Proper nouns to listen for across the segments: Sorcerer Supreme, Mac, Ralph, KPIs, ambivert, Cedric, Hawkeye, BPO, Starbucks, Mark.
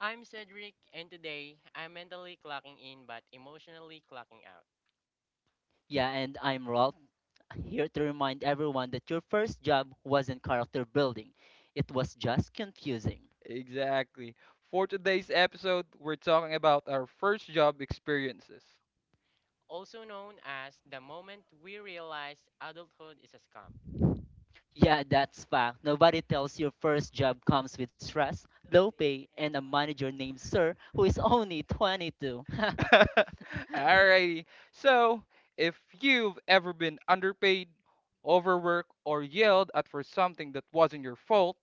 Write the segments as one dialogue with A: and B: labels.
A: I'm Cedric, and today I'm mentally clocking in but emotionally clocking out.
B: Yeah, and I'm Rolf, here to remind everyone that your first job wasn't character building, it was just confusing.
C: Exactly. For today's episode, we're talking about our first job experiences.
A: Also known as the moment we realize adulthood is a scam.
B: Yeah, that's fact. Nobody tells your first job comes with stress, low pay, and a manager named Sir who is only 22.
C: Alrighty. So, if you've ever been underpaid, overworked, or yelled at for something that wasn't your fault,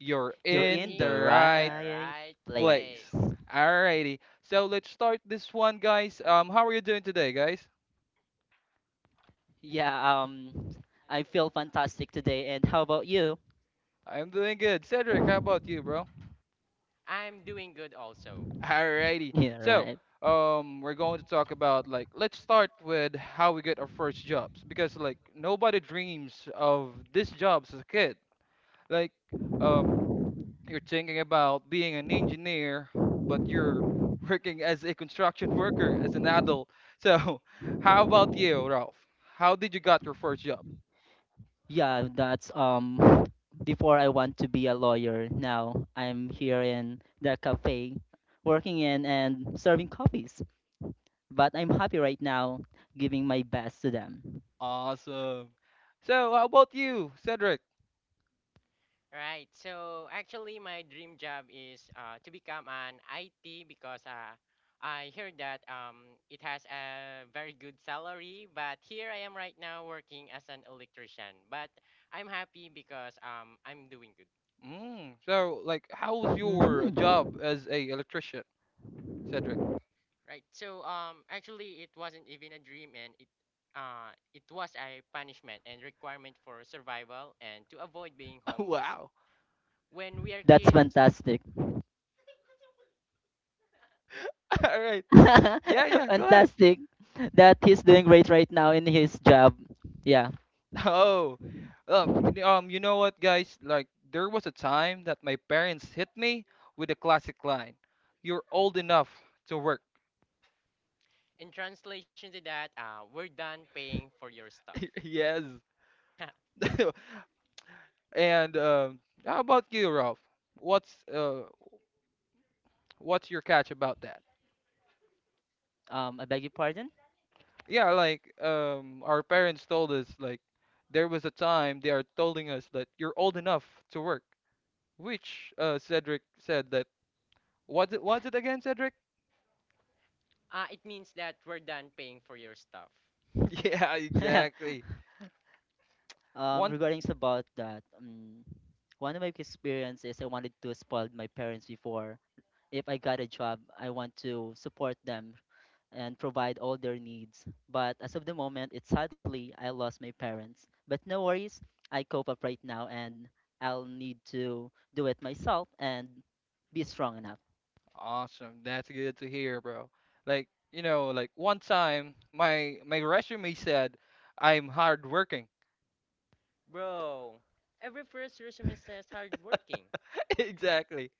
C: you're
B: You're
A: You're
C: in
B: in
C: the
B: the
A: in
C: right
A: the
B: right
A: right place.
C: place.
B: place.
C: Alrighty. So let's start this one, guys. How are you doing today, guys?
B: Yeah, I feel fantastic today. And how about you?
C: I'm doing good. Cedric, how about you, bro?
A: I'm doing good also.
C: Alrighty.
B: Yeah,
C: So,
B: right.
C: we're going to talk about let's start with how we get our first jobs because nobody dreams of these jobs as a kid. Like, um, you're thinking about being an engineer, but you're working as a construction worker as an adult. So, how about you, Ralph? How did you got your first job?
B: Yeah, that's Before I want to be a lawyer, now I'm here in the cafe working in and serving coffees. But I'm happy right now giving my best to them.
C: Awesome. So, how about you, Cedric?
A: Right, so actually, my dream job is to become an IT because I heard that it has a very good salary. But here I am right now working as an electrician. But I'm happy because I'm doing good.
C: So, like, how was your
B: Hmm.
C: job as a electrician, Cedric?
A: Right. So actually it wasn't even a dream and it was a punishment and requirement for survival and to avoid being homeless.
C: Wow.
A: When we are
B: That's
A: kids,
B: fantastic.
C: All right. Yeah, yeah, go ahead.
B: Fantastic that he's doing great right now in his job. Yeah.
C: Oh. You know what, guys? Like, there was a time that my parents hit me with a classic line. You're old enough to work.
A: in translation to that, we're done paying for your stuff.
C: Yes. And How about you, Ralph? What's uh what's your catch about that?
B: Um, I beg your pardon.
C: Yeah, like our parents told us like there was a time they are telling us that you're old enough to work, which Cedric said that what's it was it again, Cedric?
A: It means that we're done paying for your stuff.
C: Yeah, exactly. One
B: Regarding about that, one of my experiences, I wanted to spoil my parents before. If I got a job, I want to support them and provide all their needs. But as of the moment, it's sadly I lost my parents. But no worries, I cope up right now, and I'll need to do it myself and be strong enough.
C: awesome. That's good to hear, bro. Like, you know, like one time my resume said I'm hardworking.
A: Bro, every first resume says hardworking.
C: Exactly.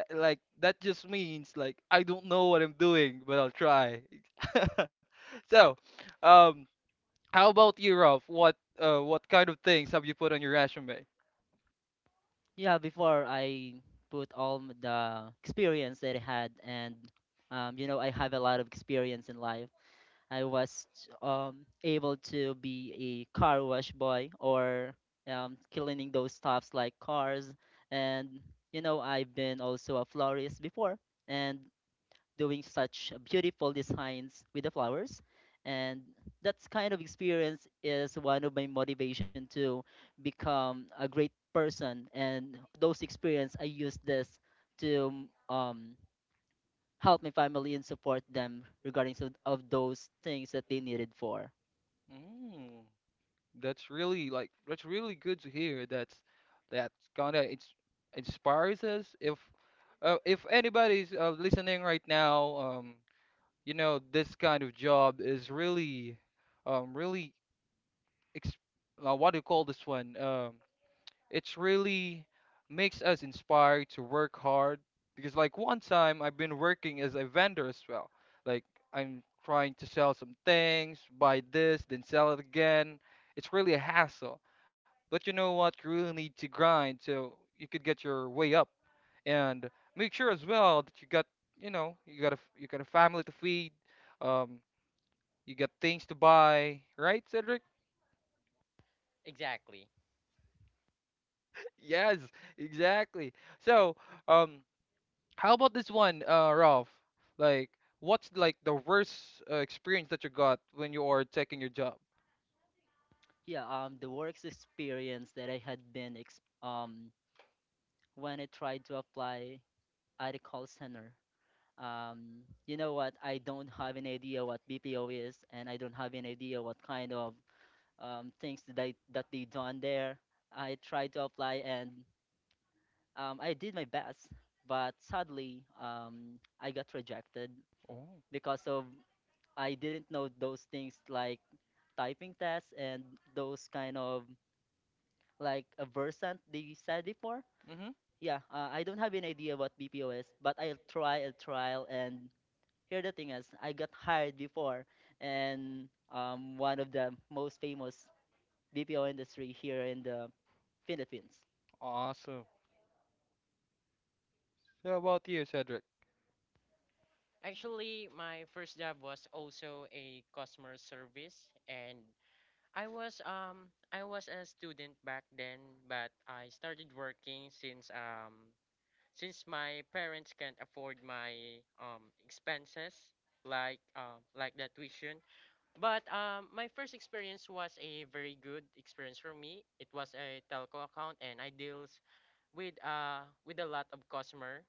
C: That that just means like I don't know what I'm doing, but I'll try. So, um, how about you, Ralph? What kind of things have you put on your resume?
B: Yeah, before I put all the experience that I had, and you know, I have a lot of experience in life. I was able to be a car wash boy, or cleaning those stuffs like cars, and you know, I've been also a florist before, and doing such beautiful designs with the flowers, and that kind of experience is one of my motivation to become a great person, and those experience I use this to help my family and support them regarding so of those things that they needed for.
C: Mm. That's really good to hear. That's kinda ins Inspires us. If anybody's listening right now, you know this kind of job is really, really ex what do you call this one? It's really makes us inspired to work hard because like one time I've been working as a vendor as well. Like I'm trying to sell some things, buy this, then sell it again. It's really a hassle. But you know what? You really need to grind so you could get your way up and make sure as well that you got, you know, you got you got a family to feed, um, you got things to buy, right, Cedric?
A: Exactly.
C: Yes, exactly. So, um, How about this one, Ralph? Like what's like the worst experience that you got when you are taking your job?
B: Yeah, the works experience that I had been, when I tried to apply at a call center. Um, you know what? I don't have an idea what BPO is, and I don't have an idea what kind of things that that they done there. I tried to apply, and I did my best, but sadly, I got rejected
C: Oh.
B: because of I didn't know those things like typing tests and those kind of like a versant they said before.
C: Mm-hmm.
B: Yeah, I don't have an idea what BPO is, but I'll try, I'll trial. And here the thing is, I got hired before, and one of the most famous BPO industry here in the Philippines.
C: Awesome. So how about you, Cedric?
A: Actually, my first job was also a customer service and I was a student back then, but I started working since my parents can't afford my expenses like the tuition. But my first experience was a very good experience for me. It was a telco account and I deals with a lot of customer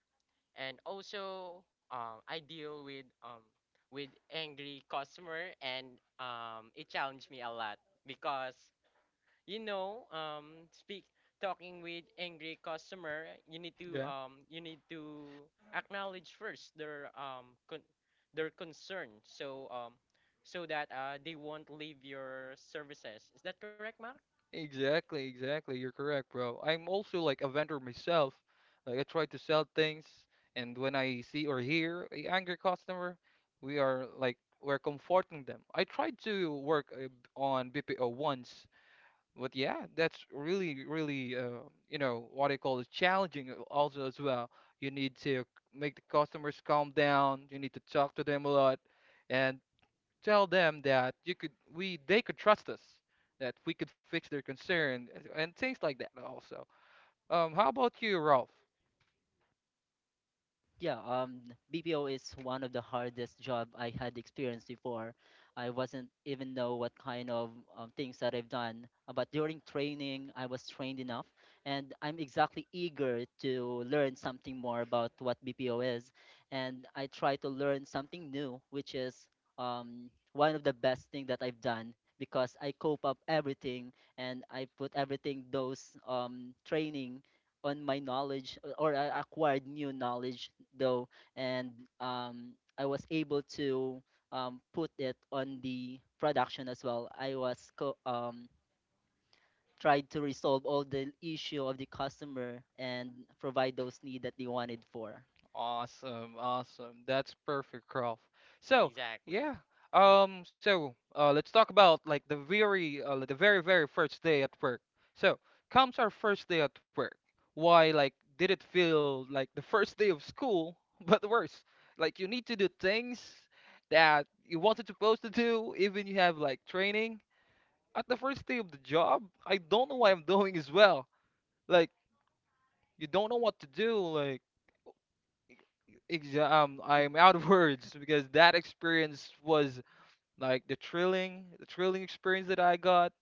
A: and also I deal with angry customer and it challenged me a lot because you know speak talking with angry customer
C: Yeah.
A: you need to acknowledge first their their concern so that they won't leave your services. Is that correct, Mark?
C: Exactly, exactly. You're correct, bro. I'm also like a vendor myself. Like I try to sell things, and when I see or hear a angry customer, we are like we're comforting them. I tried to work on BPO once. But yeah, that's really, really, you know, what I call it, challenging also as well. You need to make the customers calm down. You need to talk to them a lot and tell them that they could trust us, that we could fix their concern and things like that also. How about you, Ralph?
B: Yeah, BPO is one of the hardest job I had experienced before. I wasn't even know what kind of things that I've done, but during training, I was trained enough, and I'm exactly eager to learn something more about what BPO is, and I try to learn something new, which is one of the best thing that I've done because I cope up everything, and I put everything those training on my knowledge or I acquired new knowledge though, and um, I was able to put it on the production as well. I was tried to resolve all the issue of the customer and provide those need that they wanted for.
C: Awesome, awesome. That's perfect, Croft. So,
A: Exactly.
C: yeah. Let's talk about like the very, the very, very first day at work. So, comes our first day at work. Why, like, did it feel like the first day of school, but worse? Like, you need to do things that you wasn't supposed to do, even you have like training. At the first day of the job, I don't know what I'm doing as well. Like, you don't know what to do. I'm out of words because that experience was like the thrilling experience that I got,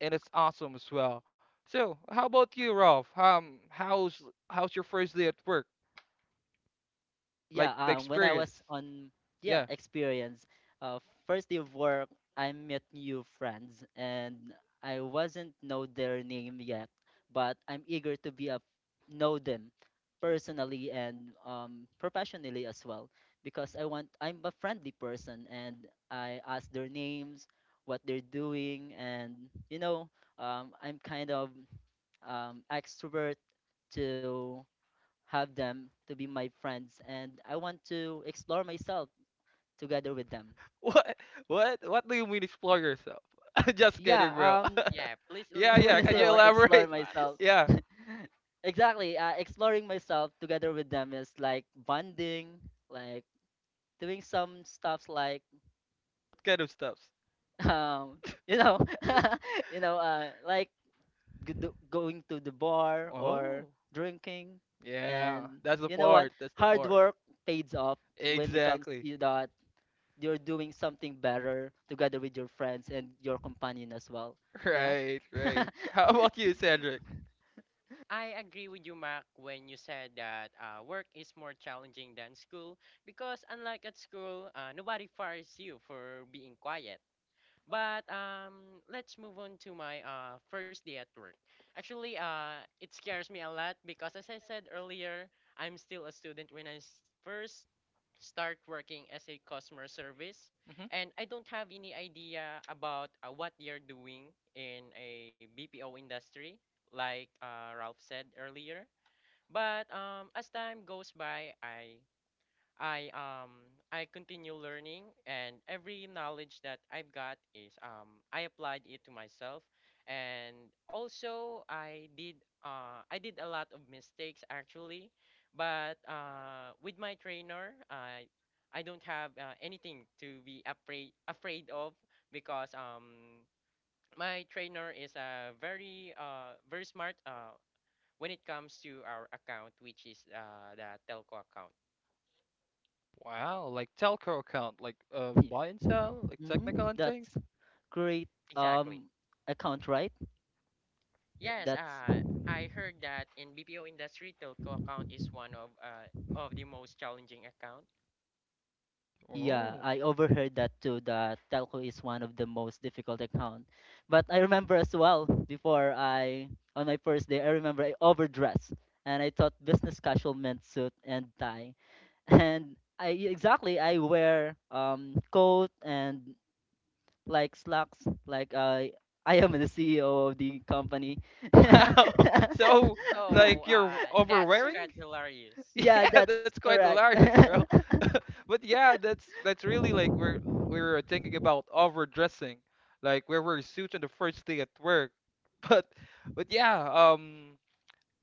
C: and it's awesome as well. So, how about you, Rolf? How's your first day at work?
B: Yeah
C: Like the
B: when I was
C: experience?
B: on Yeah,
C: Yeah.
B: experience. Uh, first day of work, I met new friends, and I wasn't know their name yet, but I'm eager to be a know them personally and um, professionally as well, because I'm a friendly person, and I ask their names, what they're doing, and you know, um, I'm kind of um, extrovert to have them to be my friends, and I want to explore myself together with them.
C: What? What? What do you mean explore yourself? Just
B: Yeah,
C: kidding, bro.
B: um.
A: Yeah, please
C: Yeah,
B: When
C: yeah.
B: I
C: Can
B: say
C: you
B: about
A: elaborate it
B: explore
C: elaborate?
A: to
B: myself.
A: us.
C: Yeah,
B: Exactly, exploring myself together with them is like bonding, like doing some stuffs like
C: what kind of stuffs.
B: um you know, like going to the bar or
C: Oh,
B: drinking, and
C: yeah. That's the
B: you know what,
C: part. That's the
B: hard
C: part.
B: work pays off. When it comes
C: Exactly.
B: to that, you're doing something better together with your friends and your companion as well. Yeah.
C: Right, right. How about you, Cedric?
A: I agree with you, Mark, when you said that work is more challenging than school because, unlike at school, nobody fires you for being quiet. But let's move on to my first day at work. Actually, it scares me a lot because, as I said earlier, I'm still a student when first start working as a customer service,
C: Hmm.
A: and I don't have any idea about what you're doing in a BPO industry, like Ralph said earlier. But as time goes by, I um I continue learning and every knowledge that I've got is I applied it to myself and also I did a lot of mistakes actually but with my trainer I don't have anything to be afraid of because my trainer is very very smart when it comes to our account, which is the telco account.
C: Wow, like telco account, like buy and sell, like technical
B: Hmm.
C: and things.
B: That's great
A: Exactly.
B: um account, right?
C: Yeah.
A: Yes,
B: That's
A: I heard that in BPO industry, telco account is one of the most challenging account.
B: yeah,
C: Oh.
B: I overheard that too. That telco is one of the most difficult account. But I remember as well before I on my first day, I remember I overdressed, and I thought business casual meant suit and tie. And I exactly I wear um, coat and like slacks, like I am the CEO of the company.
C: Wow. So, like,
A: So
C: you're
A: that's
C: overwearing?
A: quite hilarious.
B: Yeah,
C: Yeah, that's
B: that's
C: quite
B: correct.
C: hilarious, bro. But yeah, that's really like we're thinking about overdressing, like we wear a suit on the first day at work. But but yeah,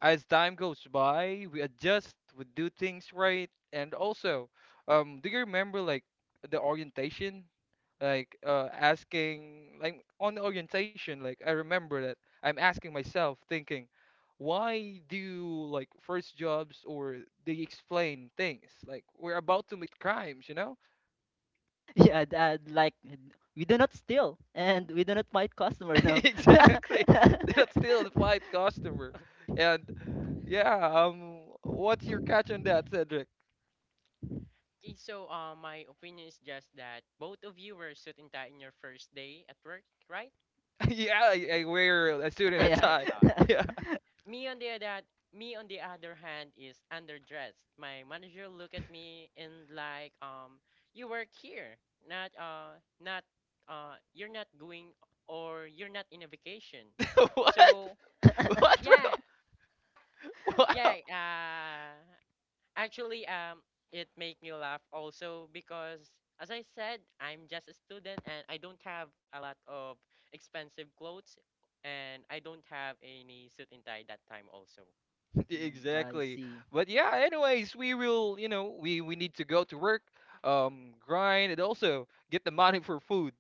C: as time goes by, we adjust, we do things right, and also, do you remember the orientation, like asking like on the orientation, like I remember that I'm asking myself, thinking, why do like first jobs or they explain things like we're about to meet crimes, you know?
B: Yeah, that, like, we do not steal, and we do not fight customer, no.
C: Exactly, that's still the fight customer, and yeah, what's your catch on that, Cedric?
A: Okay, so my opinion is just that both of you were suit and tie in your first day at work, right?
C: Yeah, I wear a suit and a
A: As
B: Yeah.
A: I
C: tie.
A: thought.
C: Yeah.
A: Me on the other hand, Me on the other hand is underdressed. My manager look at me and like you work here, not you're not going or you're not in a vacation.
C: What?
A: So
C: What, bro?
A: yeah,
C: Wow.
A: yeah, uh actually it make me laugh also because, as I said, I'm just a student and I don't have a lot of expensive clothes and I don't have any suit and tie that time also.
B: Mm, I
C: Exactly.
B: see.
C: But yeah, anyways, we will, you know, we need to go to work, grind, and also get the money for food.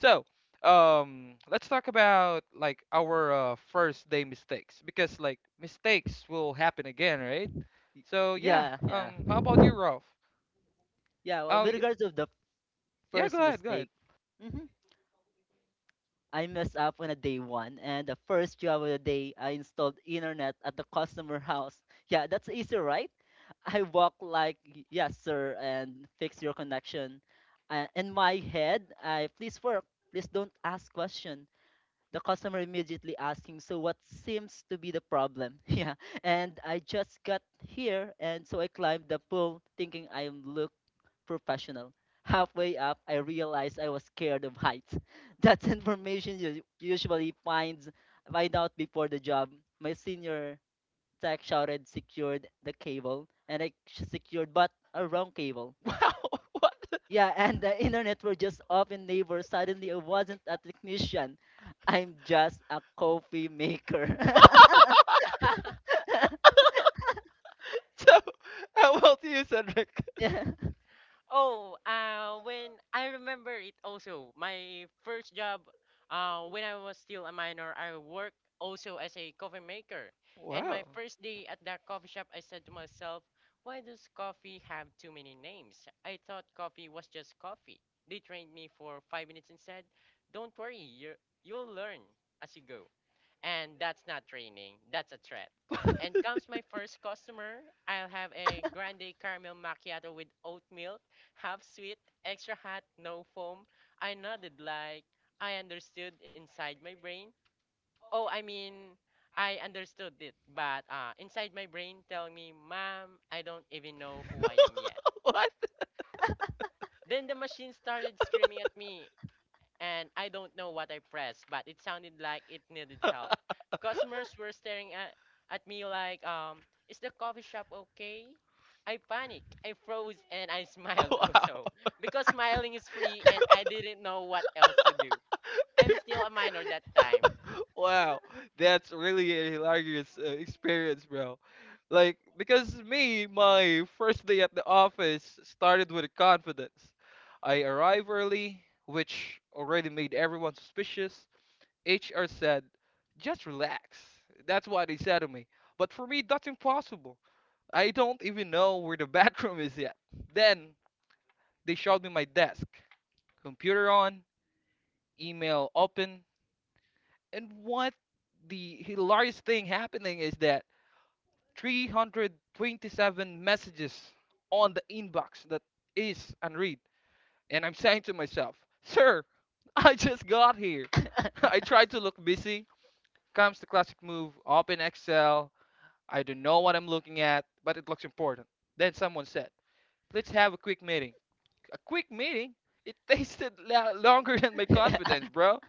C: So, let's talk about like our first day mistakes because like mistakes will happen again, right?
B: Y-
C: So yeah,
B: Yeah, yeah,
C: how about you, Ralph?
B: yeah. Well,
C: Oh,
B: with
C: y
B: regards of the
C: yeah, go
B: first
C: ahead, go ahead.
B: mistake, mhm, I messed up on a day one, and the first job of the day, I installed internet at the customer house. Yeah, that's easy, right? I walk like, Yes, sir, and fix your connection." In my head, I please work, please don't ask question. The customer immediately asking, "So what seems to be the problem?" Yeah, and I just got here, and so I climbed the pole thinking I look professional. Halfway up, I realized I was scared of heights. That's information you usually find out before the job. My senior tech shouted, "Secured the cable," and I secured, but a wrong cable.
C: Wow. What?
B: Yeah, and the internet were just off in neighbor. Suddenly, I wasn't a technician. I'm just a coffee maker.
C: So, how about you, Cedric?
B: Yeah.
A: Oh, when I remember it also, my first job, when I was still a minor, I worked also as a coffee maker. And my
C: Wow.
A: first day at that coffee shop, I said to myself, why does coffee have too many names? I thought coffee was just coffee. They trained me for 5 minutes and said, don't worry, you'll learn as you go. And that's not training, that's a threat. And comes my first customer. I'll have a grande caramel macchiato with oat milk, half sweet, extra hot, no foam. I nodded like I understood inside my brain. Oh, I mean, I understood it, but inside my brain telling me, ma'am, I don't even know who I am yet.
C: What?
A: Then the machine started screaming at me and I don't know what I pressed, but it sounded like it needed help. Customers were at me like, is the coffee shop okay? I panicked, I froze, and I smiled
C: Wow.
A: also. Because smiling is free, and I didn't know what else to do. I'm still a minor that time.
C: Wow. That's really a hilarious experience, bro. Like, because me, my first day at the office started with confidence. I arrived early, which already made everyone suspicious. HR said, just relax. That's what they said to me. But for me, that's impossible. I don't even know where the bathroom is yet. Then they showed me my desk, computer on, email open, and what the hilarious thing happening is that 327 messages on the inbox that is unread. And I'm saying to myself, Sir, I just got here. I try to look busy. Comes the classic move, open Excel. I don't know what I'm looking at, but it looks important. Then someone said, let's have a quick meeting. a quick meeting. It tasted longer than my confidence, bro.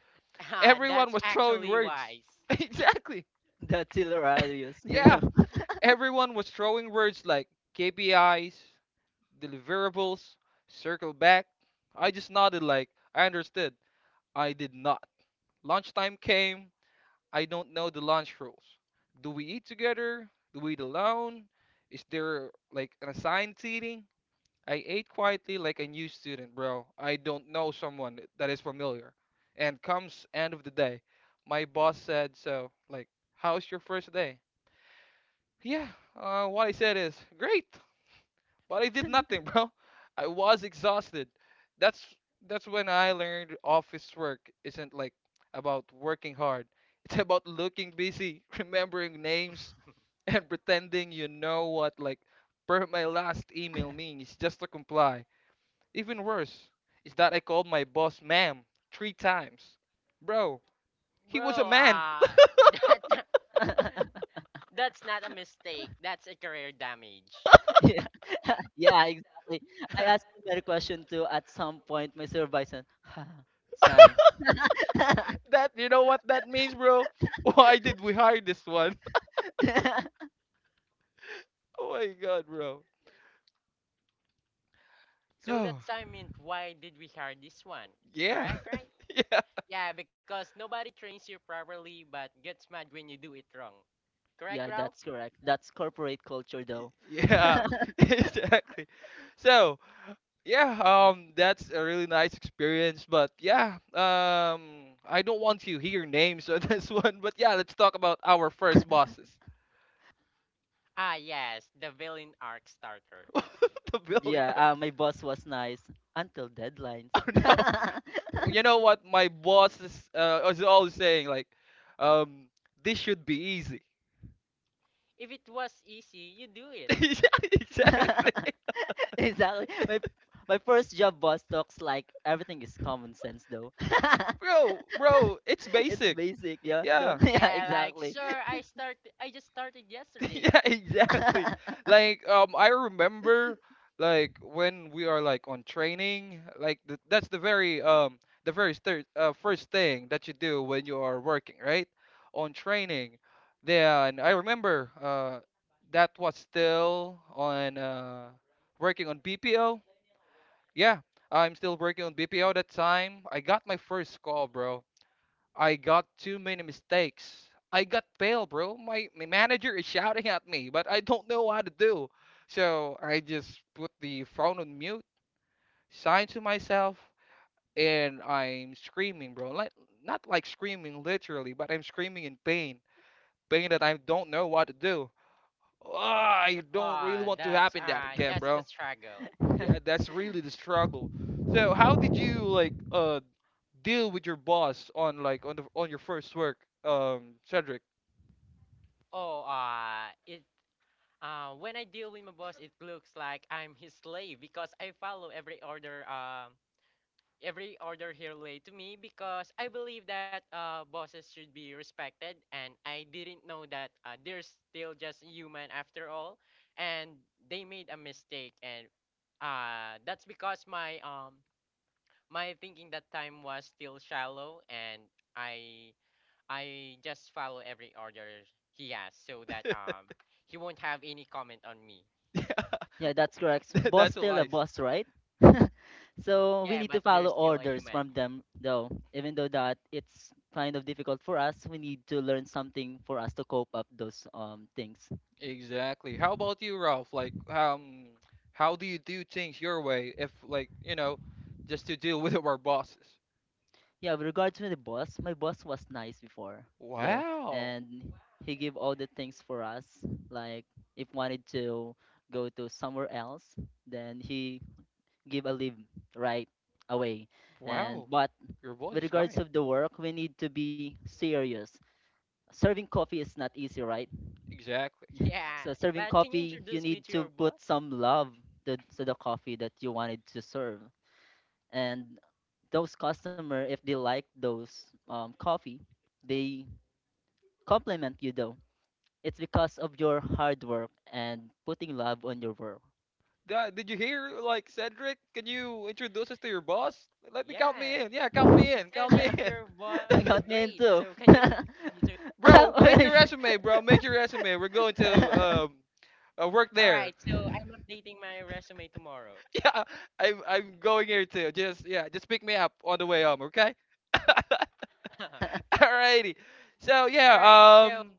A: Ah,
C: Everyone
A: that's
C: was throwing
A: actually
C: words.
A: wise.
C: Exactly.
B: That's hilarious, you
C: Yeah.
B: know.
C: Everyone was throwing words like KPIs, deliverables, circle back. I just nodded like I understood. I did not. Lunchtime came. I don't know the lunch rules. Do we eat together? Do we eat alone? Is there like an assigned seating? I ate quietly like a new student, bro. I don't know someone that is familiar. And comes end of the day, my boss said so, like, how's your first day? Yeah, what I said is, great, but I did nothing, bro. I was exhausted. That's that's when I learned office work isn't about working hard. It's about looking busy, remembering names, and pretending you know what per my last email means just to comply. Even worse is that I called my boss ma'am 3 times. Bro, he was a
A: Bro,
C: man.
A: that, that's not a mistake, that's a career damage.
B: Yeah, yeah, exactly. I asked him that question too at some point. My supervisor, "Huh, sign."
C: That you know what that means, bro? Why did we hire this one? Oh my god, bro.
A: So that
C: Oh,
A: time meant why did we hire this one?
C: yeah.
A: Correct, right?
C: Yeah.
A: Yeah, because nobody trains you properly but gets mad when you do it wrong.
B: Yeah,
A: Correct,
B: that's
A: Ralph?
B: correct. That's corporate culture, though.
C: Yeah, exactly. So, yeah, that's a really nice experience, but yeah, I don't want to hear names on this one, but yeah, let's talk about our first bosses.
A: Ah, yes, the villain arc starter.
C: The building
B: Yeah,
C: arts.
B: my boss was nice until deadlines.
C: Oh no. You know what my boss is always saying like um this should be easy.
A: If it was easy, you do it.
C: Yeah, exactly.
B: Exactly. My first job boss talks like everything is common sense though.
C: Bro, bro, it's
B: It's
C: basic.
B: basic, yeah. No?
C: Yeah.
B: Yeah,
A: Yeah, like,
B: exactly.
A: sir, I just started yesterday.
C: Yeah, exactly. Like, I remember, like, when we are like on training, like th that's the very thir first thing that you do when you are working, right? On training. Then I remember, that was still on working on BPO. Yeah, I'm still working on BPO that time. I got my first call, bro. I got too many mistakes. I got pale, bro. My manager is shouting at me, but I don't know what to do. So I just put the phone on mute, signed to myself, and I'm screaming, bro. Like not like screaming literally, but I'm screaming in pain, pain that I don't know what to do. Ah, I don't really
A: Ah,
C: want to happen that again,
A: that's the
C: bro.
A: struggle.
C: Yeah, that's really the struggle. So how did you like deal with your boss on like on your first work, Cedric.
A: Oh, it when I deal with my boss, it looks like I'm his slave because I follow every order here relate to me because I believe that bosses should be respected, and I didn't know that they're still just human after all, and they made a mistake, and that's because my thinking that time was still shallow, and I I just follow every order he has so that he won't have any comment on me.
C: Yeah,
B: Yeah, that's correct. Boss
C: that's
B: still a
C: life.
B: boss, right? So we
A: Yeah,
B: need to
A: but they're
B: follow
A: still a
B: orders
A: human.
B: from them though. Even though that it's kind of difficult for us, we need to learn something for us to cope up those um, things.
C: Exactly. How about you, Ralph? Like, how do you do things your way if like, you know, just to deal with our bosses?
B: Yeah, with regards to the boss, my boss was nice before though,
C: Wow.
B: and he gave all the things for us. Like, if wanted to go to somewhere else, then he give a leave right away. And
C: Wow.
B: but
C: Your boss
B: with
C: is
B: regards
C: kind.
B: of the work, we need to be serious. Serving coffee is not easy, right?
C: Exactly.
A: Yeah,
B: So serving
A: but can you
B: coffee, you
A: introduce me
B: need
A: to your
B: to put
A: boss?
B: some love to the coffee that you wanted to serve, and those customer, if they like those coffee, they compliment you, though it's because of your hard work and putting love on your work.
C: Did you hear? Like Cedric, can you introduce us to your boss? Let me count me
A: Yeah,
C: in. Yeah, count me
A: you
C: in.
A: said
C: Count me
A: that
C: in.
A: your boss
B: I
A: is
B: got me in
A: great. So
B: too.
A: can you introduce me to?
C: Bro, make your
B: Always.
C: resume, bro. Make your resume. We're going to Work
A: All right,
C: there.
A: so I'm updating my resume tomorrow.
C: Yeah, I'm going here too. Just yeah, just pick me up on the way home, okay? Alrighty. So
A: All
C: yeah,
A: right, so
C: um,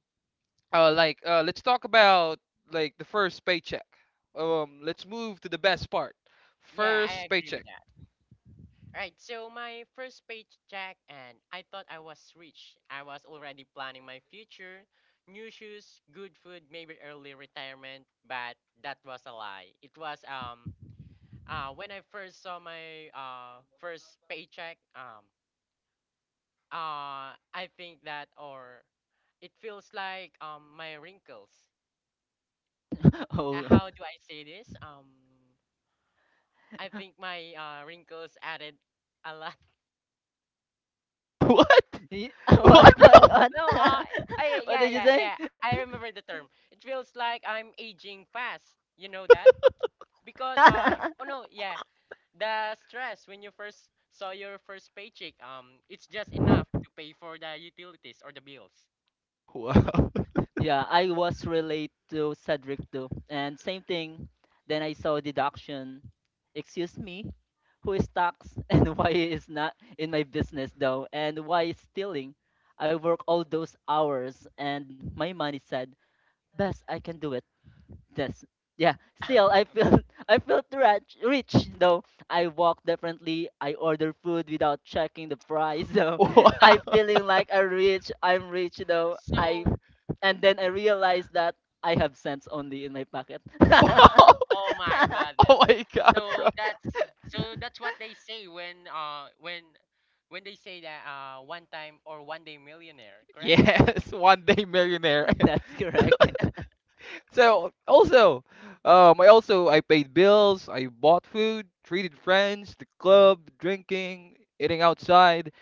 C: uh, like uh, let's talk about like the first paycheck. Let's move to the best part.
A: yeah, I
C: First
A: agree with
C: paycheck.
A: that. All right, so my first paycheck, and I thought I was rich. I was already planning my future, new shoes, good food, maybe early retirement. But that was a lie. It was when I first saw my first paycheck, I think that, or it feels like my wrinkles.
B: Oh.
A: How do I say this? I think my wrinkles added a lot.
C: What?
B: What,
C: What,
B: what,
C: bro?
B: what?
A: No, I,
B: What
A: yeah,
B: did you say?
A: I remember the term. It feels like I'm aging fast. You know that? Because oh no, yeah, the stress when you first saw your first paycheck, it's just enough to pay for the utilities or the bills.
C: Wow.
B: Yeah, I was relate to Cedric too. And same thing. Then I saw deduction. Excuse me, who is tax, and why is not in my business though? And why is stealing? I work all those hours, and my money said, best I can do it. This. Yeah, still I feel, I felt rich, rich though. I walk differently. I order food without checking the price though.
C: Wow.
B: I'm feeling like a rich. I'm rich though. I
A: So
B: And then I realized that I have cents only in my pocket.
C: Wow.
A: oh my goodness.
C: Oh my god, bro.
A: So that's so that's what they say when they say that one time or one day millionaire, correct?
C: Yes, one day millionaire.
B: That's correct.
C: So also, I also I paid bills, I bought food, treated friends, the club, drinking, eating outside.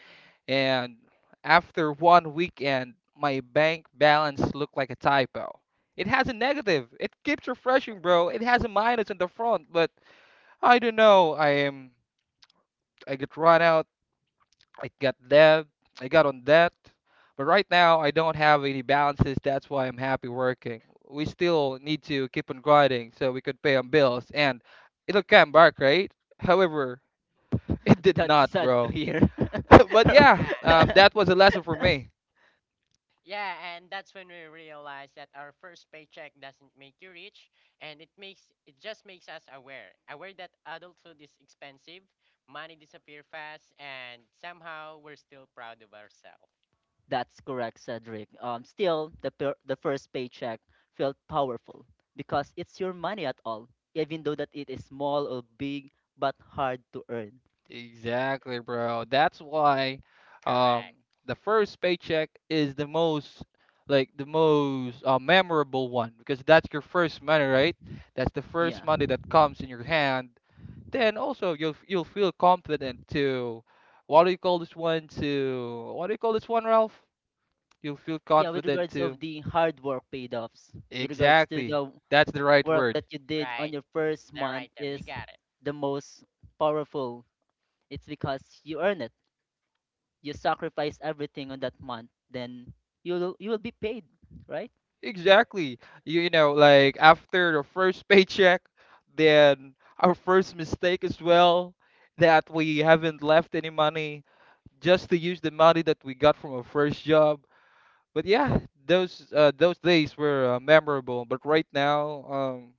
C: And after one weekend, my bank balance looked like a typo. It has a negative. It keeps refreshing, bro. It has a minus in the front, but I don't know. I am. I get run out. I got debt. I got on debt. But right now, I don't have any balances. That's why I'm happy working. We still need to keep on grinding so we could pay on bills, and it'll come back, right? However, it did
B: That's
C: not,
B: sad to
C: bro.
B: hear.
C: But yeah,
A: Ah,
C: that was a lesson for me.
A: yeah, and that's when we realize that our first paycheck doesn't make you rich, and it just makes us aware, that adulthood is expensive, money disappear fast, and somehow we're still proud of ourselves.
B: That's correct, Cedric. Still, the the first paycheck felt powerful because it's your money at all, even though that it is small or big, but hard to earn.
C: Exactly, bro. That's why um
A: Correct.
C: the first paycheck is the most like the most memorable one because that's your first money, right? That's the first
B: Yeah,
C: money that comes in your hand. Then also you'll feel confident to what do you call this one to what do you call this one, Ralph? You'll feel
B: yeah. With
C: confident
B: regards of
C: to
B: the hard work paid offs, with regards to
C: exactly.
B: the
C: That's the right
B: work
C: word.
B: that you did on
A: Right.
B: your first
A: The
B: month
A: right term.
B: is
A: You got it.
B: the most powerful. It's because you earn it. You sacrifice everything on that month, then you will be paid, right?
C: Exactly. You know, like after the first paycheck, then our first mistake as well, that we haven't left any money just to use the money that we got from our first job. But yeah, those days were memorable. But right now,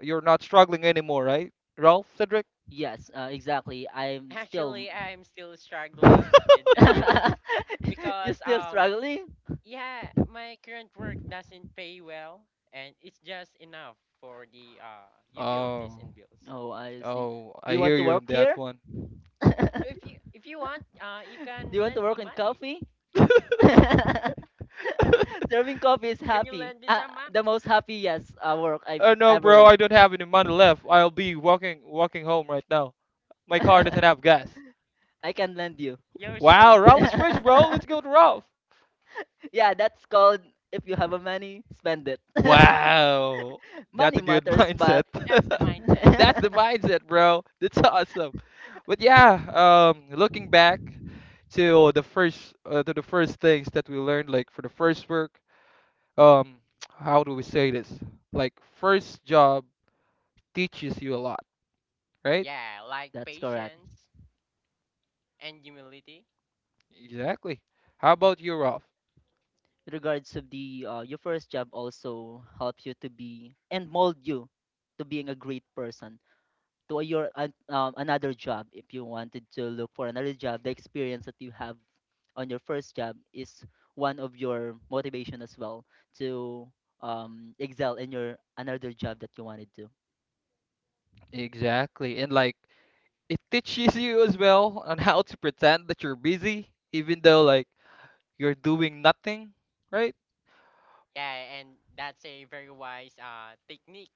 C: you're not struggling anymore, right, Ralph, Cedric?
B: Yes, exactly. I'm still.
A: Actually, I'm still struggling with the bill,
B: You
A: because
B: still struggling?
A: yeah, my current work doesn't pay well and it's just enough for the utilities
C: Oh,
A: and bills.
B: Oh, I see.
C: oh,
B: Do
C: I
B: you want
C: hear
B: to
C: you
B: work
C: on that
B: here?
C: one.
B: Do
A: So if you want, you can
B: you want to
A: lend
B: work
A: me
B: in
A: money.
B: coffee? Serving coffee is
A: Can you
B: happy.
A: lend me some, Mac?
B: The most happiest work I've
C: No, bro,
B: ever.
C: I don't have any money left. I'll be walking home right now. My car
B: I
C: doesn't have gas.
B: can lend you.
A: You're so
C: Wow, Ralph
A: cheap.
C: is rich, bro. Let's go to Ralph.
B: Yeah, that's called, if you have a money, spend it.
C: Wow, that's
B: Money
C: a good
B: matters,
C: mindset.
B: but
A: That's the mindset.
C: That's the mindset, bro. That's awesome. But yeah, looking back to the first things that we learned, like for the first work, um, how do we say this? Like first job teaches you a lot, right?
A: Yeah, like
B: that's correct.
A: patience and humility.
C: Exactly. How about you, Ralph?
B: With regards to the your first job also helps you to be and mold you to being a great person to your an another job. If you wanted to look for another job, the experience that you have on your first job is one of your motivation as well to excel in your another job that you wanted to.
C: Exactly. And like it teaches you as well on how to pretend that you're busy even though like you're doing nothing, right?
A: Yeah, and that's a very wise technique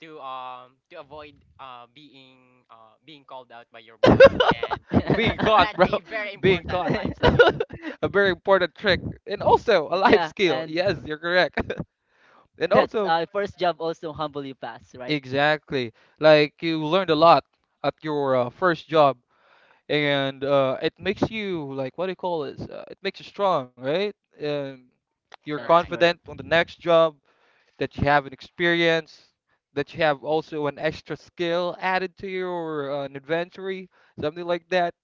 A: to avoid being called out by your boss, and
C: Being caught,
A: that's a
C: bro.
A: very
C: Being
A: important
C: caught.
A: life skill.
C: A very important trick. And also a life
B: Yeah,
C: skill.
B: and
C: Yes, you're correct. And
B: that's uh,
C: also
B: first job also humble you fast, right?
C: exactly. Like you learned a lot at your first job and it makes you like what do you call this? It makes you strong, right? Um, you're
B: That's
A: Correct.
C: confident
B: correct.
C: on the next job that you have an experience, that you have also an extra skill added to your inventory, something like that.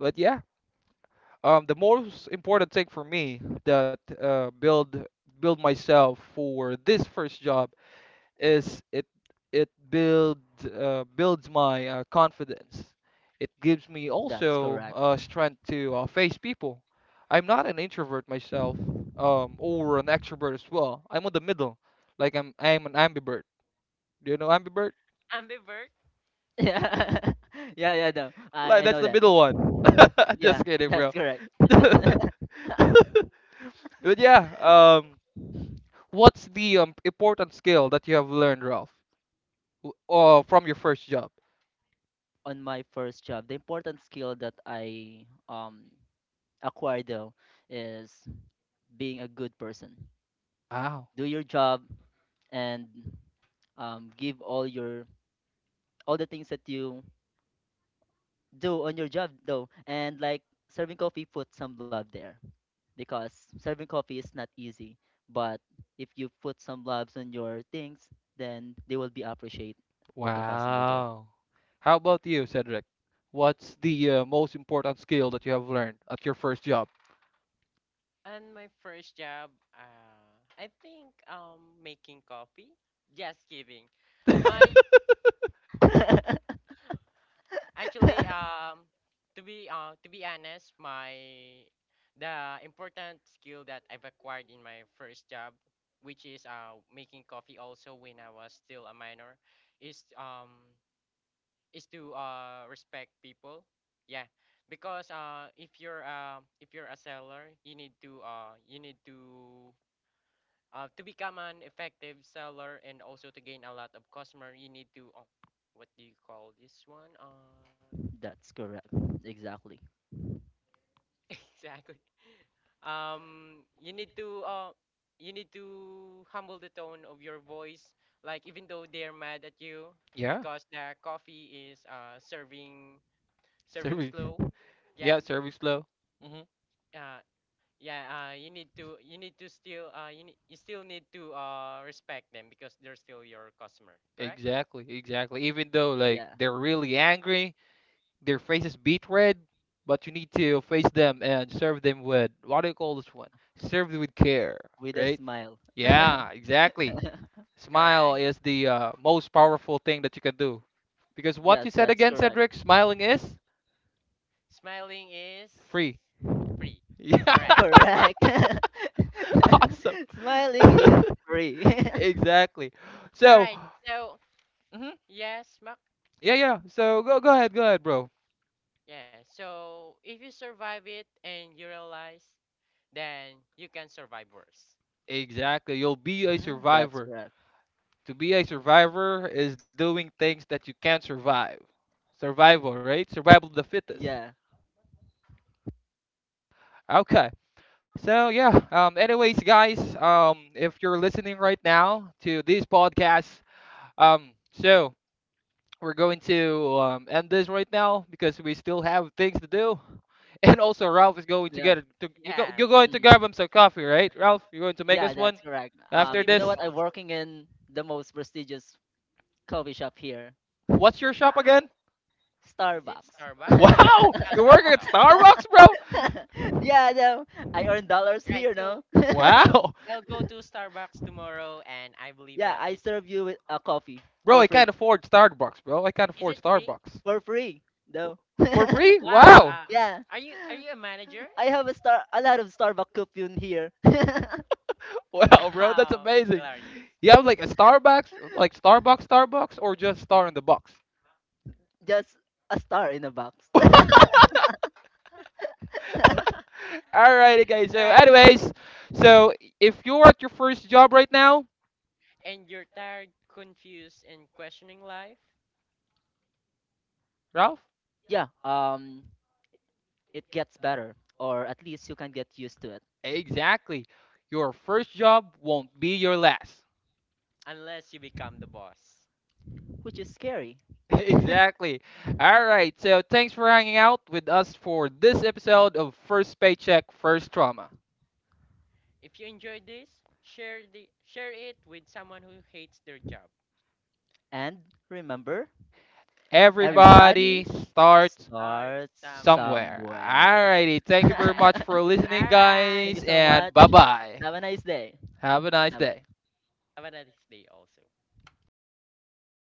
C: But yeah, the most important thing for me that build myself for this first job is it builds my confidence. It gives me
B: That's
C: also
B: correct.
C: strength to face people. I'm not an introvert myself, or an extrovert as well. I'm on the middle, like I'm an ambivert. Do you know ambivert?
A: Ambivert.
B: Yeah. Yeah, yeah, no.
C: Like
B: I
C: that's
B: know
C: the
B: that.
C: middle one.
B: Yeah,
C: Just kidding, bro.
B: that's correct.
C: But yeah, what's the important skill that you have learned, Ralph, from your first job?
B: On my first job, the important skill that I um, acquired though is being a good person.
C: Wow.
B: Do your job, and um, give all your, all the things that you do on your job though, and like serving coffee, put some love there because serving coffee is not easy. But if you put some loves on your things, then they will be appreciate of the customer though.
C: Wow. How about you, Cedric? What's the most important skill that you have learned at your first job?
A: And my first job, I think making coffee. Just kidding. My actually to be honest, my the important skill that I've acquired in my first job, which is making coffee also when I was still a minor, is um is to respect people. Yeah, because if you're if you're a seller, you need to become an effective seller and also to gain a lot of customer, you need to oh, what do you call this one?
B: That's correct. Exactly.
A: Exactly. Um, you need to uh, you need to humble the tone of your voice. Like even though they're mad at you
C: Yeah.
A: because their coffee is serving
C: Serving.
A: slow. Yeah,
C: Yeah, service flow. Hmm.
A: uh, yeah. You need to still you still need to respect them because they're still your customer. Correct?
C: Exactly, exactly. Even though like
B: Yeah.
C: they're really angry, their faces beat red, but you need to face them and serve them with what do you call this one? Serve them with care,
B: With a
C: right?
B: smile.
C: Yeah, exactly. Smile
A: Correct.
C: is the most powerful thing that you can do. Because what you
B: Yes,
C: said
B: that's
C: again,
B: correct.
C: Cedric, smiling is
A: Smiling is
C: free.
A: free.
C: Yeah,
A: Correct.
B: Correct.
C: awesome.
B: Smiling is free.
C: Exactly.
A: All
C: So,
A: right. So,
C: mhm,
A: yes, Mark.
C: yeah, yeah. So go, go
A: Right.
C: ahead, bro.
A: Yeah. So, if you survive it and you realize, then you can survive worse.
C: Exactly. You'll be a
B: Hmm, that's
C: survivor.
B: correct.
C: To be a survivor is doing things that you can't survive. Survival, right? Survival of the fittest.
B: Yeah.
C: Okay. So yeah, anyways guys, if you're listening right now to this podcast, so we're going to end this right now because we still have things to do. And also Ralph is going to
B: Yeah.
C: get a, to, you go,
A: Yes.
C: you're going to
B: Mm.
C: grab him some coffee, right? Ralph, you're going to make
B: Yeah,
C: us
B: that's
C: one
B: correct.
A: Actually,
C: after
B: You know
A: me
C: this.
B: what? I'm
A: also.
B: working in the most prestigious coffee shop here.
C: What's your shop
A: Wow.
C: again?
A: Is it
B: Starbucks.
A: Starbucks?
C: Wow,
A: As
C: you're
A: I
C: working at
A: thought.
C: Starbucks, bro?
B: Yeah, no, I earn dollars
A: Right.
B: here,
A: So,
B: no?
C: Wow.
A: I'll go to Starbucks tomorrow, and I believe
B: Yeah,
A: that
B: I
A: it
B: serve you with a coffee
C: Bro,
B: for
C: I
B: free.
C: can't afford Starbucks, bro. I can't
A: is it
C: afford
A: free.
C: Starbucks.
B: For free, no?
C: For free?
A: Wow.
C: Wow.
B: Yeah.
A: Are you a manager?
B: I have a star, a lot of Starbucks coupon here.
C: Wow, bro, that's
A: How
C: amazing.
A: hilarious.
C: You have like a Starbucks, like Starbucks, Starbucks, or just Star in the Box?
B: Just a star in a box.
C: Alrighty, guys.
A: All
C: So,
A: right, so
C: anyways, so if you're at your first job right now,
A: and you're tired, confused, and questioning life
C: Ralph,
B: Yeah, um, it gets better, or at least you can get used to it,
C: exactly. Your first job won't be your last.
A: unless you become the boss.
B: which is scary.
C: Exactly. All right. So, thanks for hanging out with us for this episode of First Paycheck, First Trauma.
A: If you enjoy this, share it with someone who hates their job.
B: And remember,
A: Everybody
B: everybody
C: Everybody starts
A: starts
B: starts
A: somewhere.
C: somewhere.
B: somewhere.
C: Alrighty,
A: All
C: thank
B: Thank
C: you very much for
A: right.
C: listening,
A: All right.
B: you
C: guys,
B: so
C: and
B: much.
C: bye bye.
B: Have a nice day.
C: Have a nice
B: Bye
C: day.
B: bye.
A: Have a nice day also.